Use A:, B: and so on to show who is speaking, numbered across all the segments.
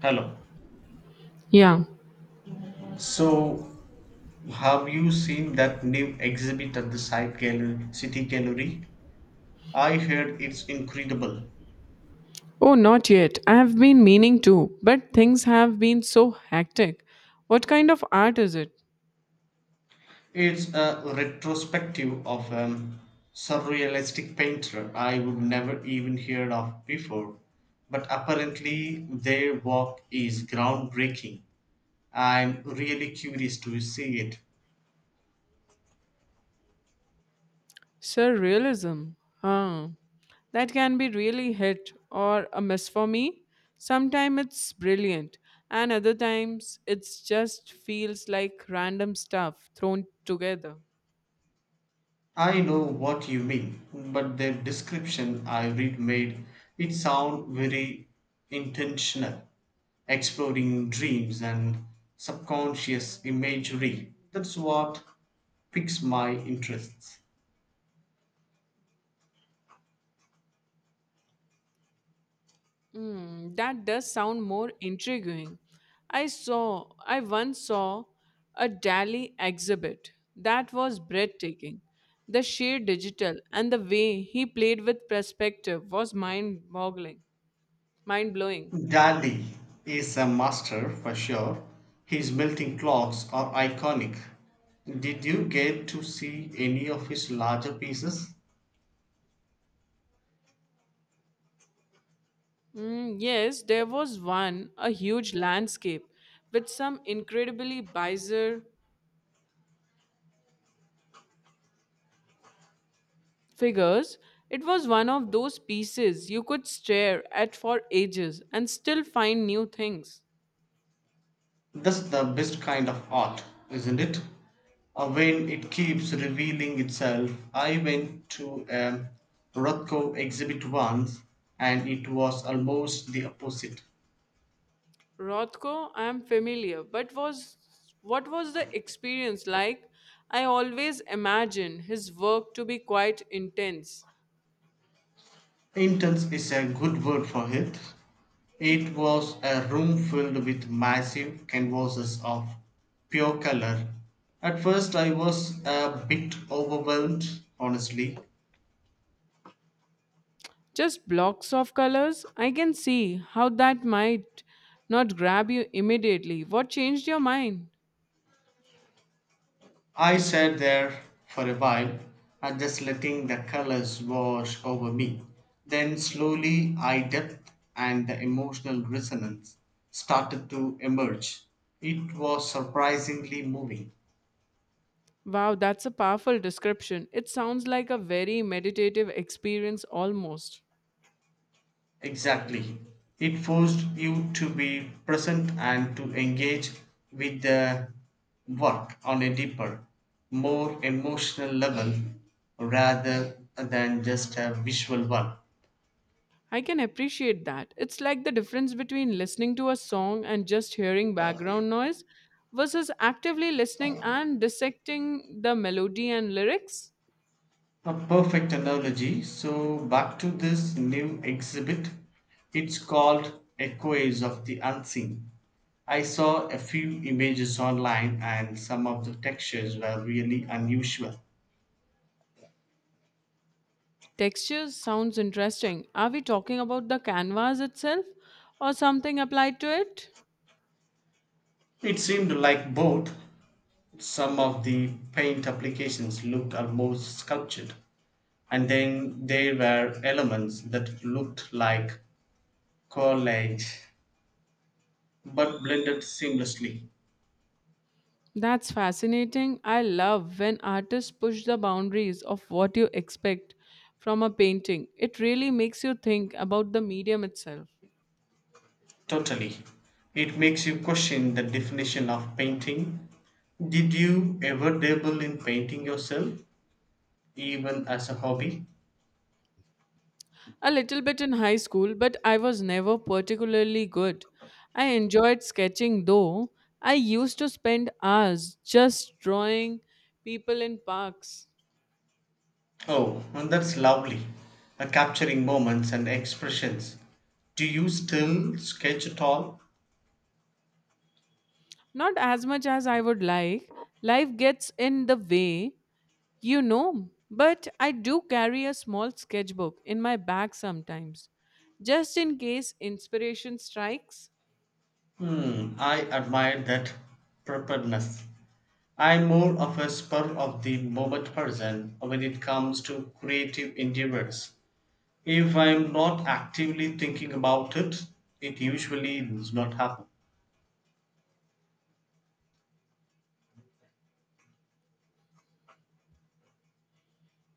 A: Hello.
B: Yeah.
A: So, have you seen that new exhibit at the Site Gallery, City Gallery? I heard it's incredible.
B: Oh, not yet. I have been meaning to, but things have been so hectic. What kind of art is it?
A: It's a retrospective of a surrealistic painter I would never even heard of before, but apparently their work is groundbreaking. I'm really curious to see it.
B: Surrealism. Huh. That can be really hit or a miss for me. Sometimes it's brilliant, and other times it's just feels like random stuff thrown together.
A: I know what you mean, but the description I read made it sound very intentional, exploring dreams and subconscious imagery. That's what piques my interests.
B: Mm, that does sound more intriguing. I once saw a Dali exhibit that was breathtaking. The sheer digital and the way he played with perspective was mind-boggling, mind-blowing.
A: Dali is a master for sure. His melting clocks are iconic. Did you get to see any of his larger pieces?
B: Mm, yes, there was one, a huge landscape with some incredibly bizarre figures. It was one of those pieces you could stare at for ages and still find new things.
A: That's the best kind of art, isn't it? When it keeps revealing itself. I went to a Rothko exhibit once and it was almost the opposite.
B: Rothko, I'm familiar, but was what was the experience like? I always imagine his work to be quite intense.
A: Intense is a good word for it. It was a room filled with massive canvases of pure color. At first, I was a bit overwhelmed, honestly,
B: Just blocks of colors? I can see how that might not grab you immediately. What changed your mind?
A: I sat there for a while, and just letting the colors wash over me. Then slowly eye depth and the emotional resonance started to emerge. It was surprisingly moving.
B: Wow, that's a powerful description. It sounds like a very meditative experience almost.
A: Exactly. It forced you to be present and to engage with the work on a deeper, more emotional level rather than just a visual one.
B: I can appreciate that. It's like the difference between listening to a song and just hearing background noise versus actively listening and dissecting the melody and lyrics.
A: A perfect analogy. So, back to this new exhibit. It's called Echoes of the Unseen. I saw a few images online, and some of the textures were really unusual.
B: Textures sounds interesting. Are we talking about the canvas itself or something applied to it?
A: It seemed like both some of the paint applications looked almost sculptured, and then there were elements that looked like collage but blended seamlessly.
B: That's fascinating. I love when artists push the boundaries of what you expect from a painting. It really makes you think about the medium itself.
A: Totally. It makes you question the definition of painting. Did you ever dabble in painting yourself, even as a hobby?
B: A little bit in high school, but I was never particularly good. I enjoyed sketching though. I used to spend hours just drawing people in parks.
A: Oh, and that's lovely. Capturing moments and expressions. Do you still sketch at all?
B: Not as much as I would like. Life gets in the way, But I do carry a small sketchbook in my bag sometimes, just in case inspiration strikes.
A: Hmm, I admire that preparedness. I'm more of a spur of the moment person when it comes to creative endeavors. If I'm not actively thinking about it, it usually does not happen.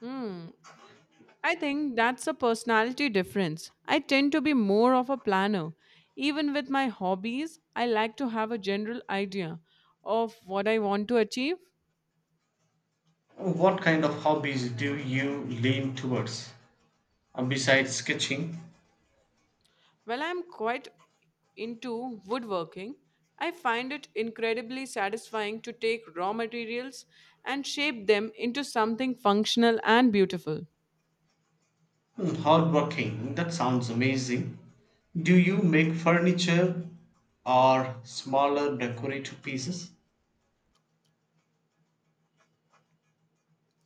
B: Hmm. I think that's a personality difference. I tend to be more of a planner. Even with my hobbies, I like to have a general idea of what I want to achieve.
A: What kind of hobbies do you lean towards? Besides sketching,
B: While I'm quite into woodworking, I find it incredibly satisfying to take raw materials and shape them into something functional and beautiful.
A: hmm, hardworking, that sounds amazing. Do you make furniture or smaller decorative pieces?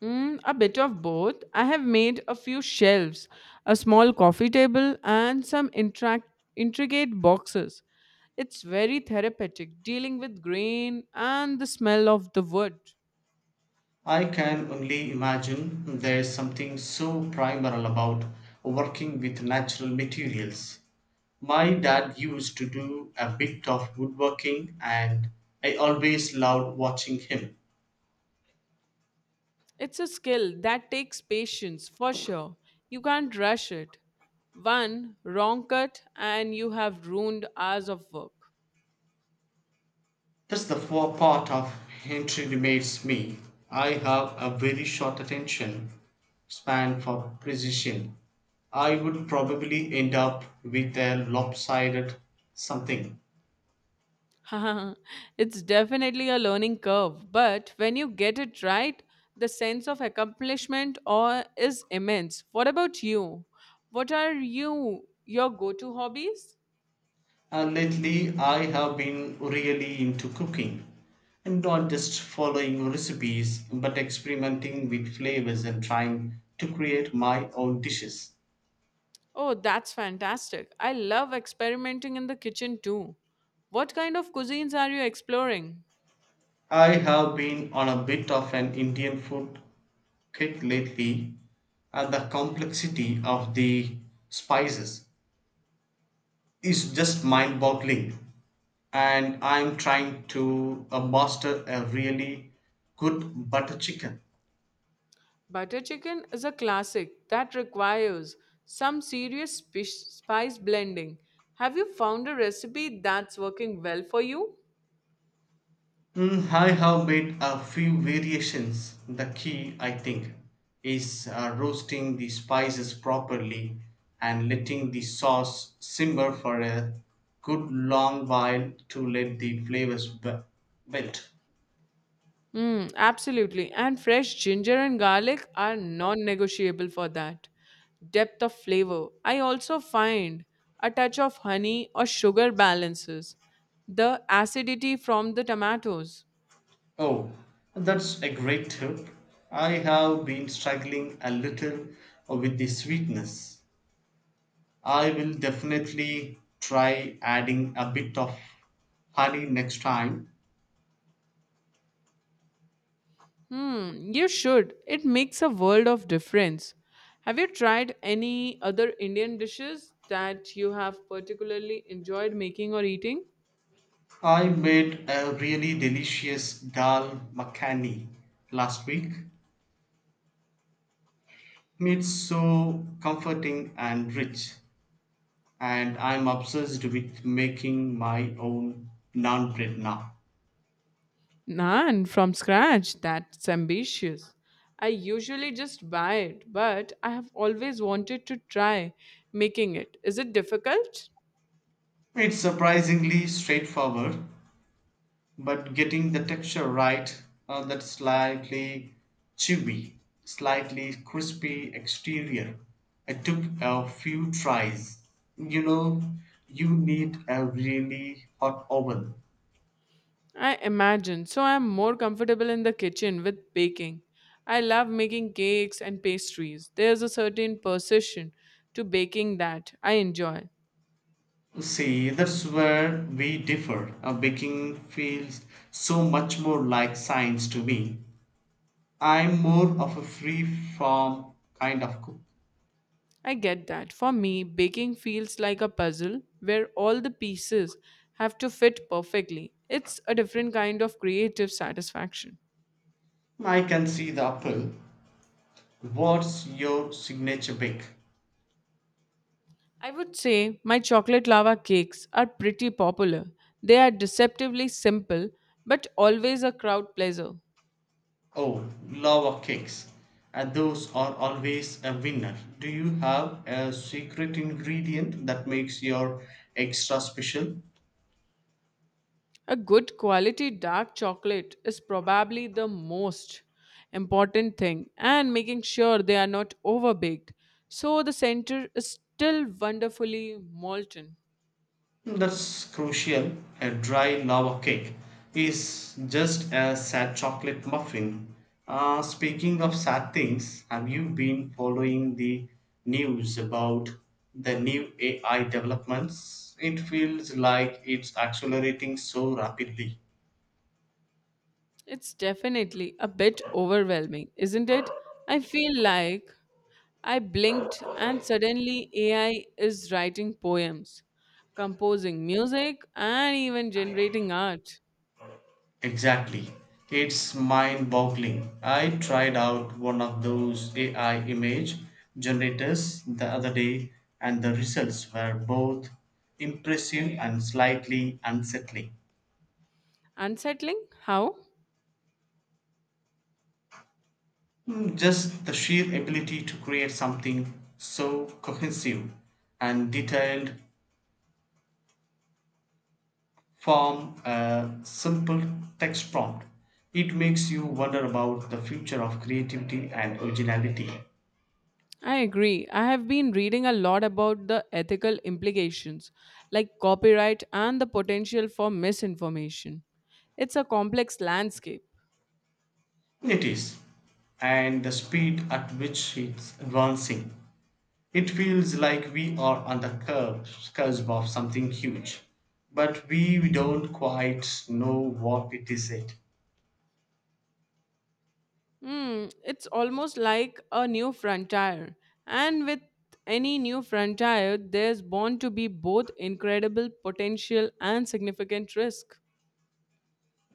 B: Mm, a bit of both. I have made a few shelves, a small coffee table, and some intricate boxes. It's very therapeutic dealing with grain and the smell of the wood.
A: I can only imagine there's something so primal about working with natural materials. My dad used to do a bit of woodworking, and I always loved watching him.
B: It's a skill that takes patience for sure. You can't rush it. One wrong cut, and you have ruined hours of work.
A: That's the four part of entry makes me. I have a very short attention span for precision. I would probably end up with a lopsided something.
B: It's definitely a learning curve, but when you get it right, the sense of accomplishment or is immense. What about you? What are your go-to hobbies?
A: Lately, I have been really into cooking and not just following recipes but experimenting with flavors and trying to create my own dishes.
B: Oh, that's fantastic. I love experimenting in the kitchen too. What kind of cuisines are you exploring?
A: I have been on a bit of an Indian food kick lately, and the complexity of the spices is just mind boggling. And I'm trying to master a really good butter chicken.
B: Butter chicken is a classic that requires some serious spice blending. Have you found a recipe that's working well for you?
A: Mm, I have made a few variations. The key, I think, is roasting the spices properly and letting the sauce simmer for a good long while to let the melt.
B: Mm, absolutely. And fresh ginger and garlic are non negotiable for that. Depth of flavor. I also find a touch of honey or sugar balances the acidity from the tomatoes.
A: Oh, that's a great tip. I have been struggling a little with the sweetness. I will definitely try adding a bit of honey next time.
B: Hmm, you should. It makes a world of difference. Have you tried any other Indian dishes that you have particularly enjoyed making or eating?
A: I made a really delicious dal makhani last week. It's so comforting and rich, and I'm obsessed with making my own naan bread now.
B: None from scratch. That's ambitious. I usually just buy it, but I have always wanted to try making it. Is it difficult?
A: It's surprisingly straightforward, but getting the texture right, that slightly chewy, slightly crispy exterior, it took a few tries. You know, you need a really hot oven.
B: I imagine. So I'm more comfortable in the kitchen with baking. I love making cakes and pastries. There's a certain precision to baking that I enjoy.
A: See, that's where we differ. Baking feels so much more like science to me. I'm more of a free form kind of cook.
B: I get that. For me, baking feels like a puzzle where all the pieces have to fit perfectly. It's a different kind of creative satisfaction.
A: I can see the appeal. What's your signature bake?
B: I would say my chocolate lava cakes are pretty popular. They are deceptively simple, but always a crowd pleaser.
A: Oh, lava cakes. And those are always a winner. Do you have a secret ingredient that makes your extra special?
B: A good quality dark chocolate is probably the most important thing, and making sure they are not overbaked so the center is still wonderfully molten.
A: That's crucial. A dry lava cake is just a sad chocolate muffin. Speaking of sad things, have you been following the news about the new AI developments? It feels like it's accelerating so rapidly.
B: It's definitely a bit overwhelming, isn't it? I feel like I blinked, and suddenly AI is writing poems, composing music, and even generating art.
A: Exactly. It's mind boggling. I tried out one of those AI image generators the other day, and the results were both impressive and slightly unsettling.
B: Unsettling? How?
A: Mm, just the sheer ability to create something so cohesive and detailed from a simple text prompt. It makes you wonder about the future of creativity and originality.
B: I agree. I have been reading a lot about the ethical implications, like copyright and the potential for misinformation. It's a complex landscape.
A: It is. And the speed at which it's advancing. It feels like we are on the curve, cusp of something huge. But we don't quite know what it is yet.
B: Mm, it's almost like a new frontier. And with any new frontier, there's bound to be both incredible potential and significant risk.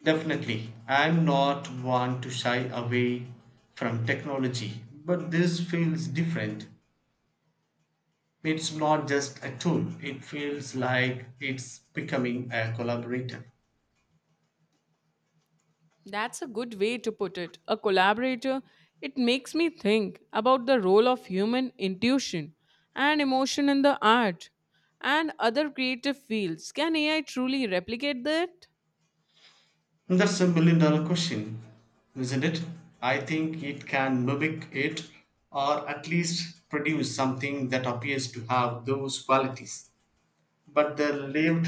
A: Definitely, I'm not one to shy away from technology, but this feels different. It's not just a tool, it feels like it's becoming a collaborator.
B: That's a good way to put it. A collaborator, it makes me think about the role of human intuition and emotion in the art and other creative fields. Can AI truly replicate that?
A: That's a million dollar question, isn't it? I think it can mimic it or at least produce something that appears to have those qualities. But the lived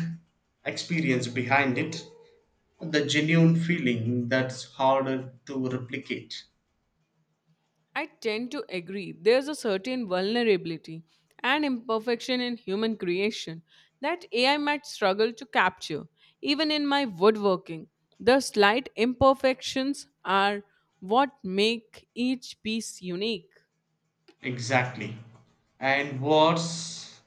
A: experience behind it, the genuine feeling that's harder to replicate.
B: I tend to agree. There's a certain vulnerability and imperfection in human creation that AI might struggle to capture. Even in my woodworking, the slight imperfections are what make each piece unique.
A: Exactly. And what's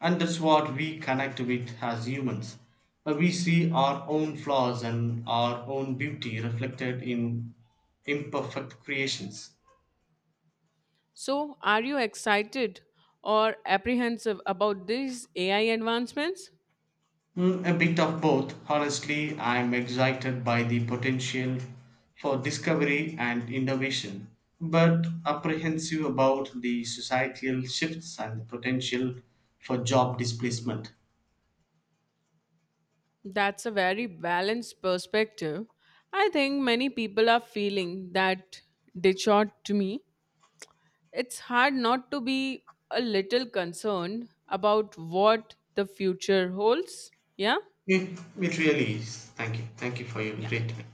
A: And that's what we connect with as humans. We see our own flaws and our own beauty reflected in imperfect creations.
B: So, are you excited or apprehensive about these AI advancements?
A: Mm, a bit of both. Honestly, I'm excited by the potential for discovery and innovation, but apprehensive about the societal shifts and the potential for job displacement.
B: That's a very balanced perspective. I think many people are feeling that they shot to me. It's hard not to be a little concerned about what the future holds. Yeah?
A: It really is. Thank you. Thank you for your great time.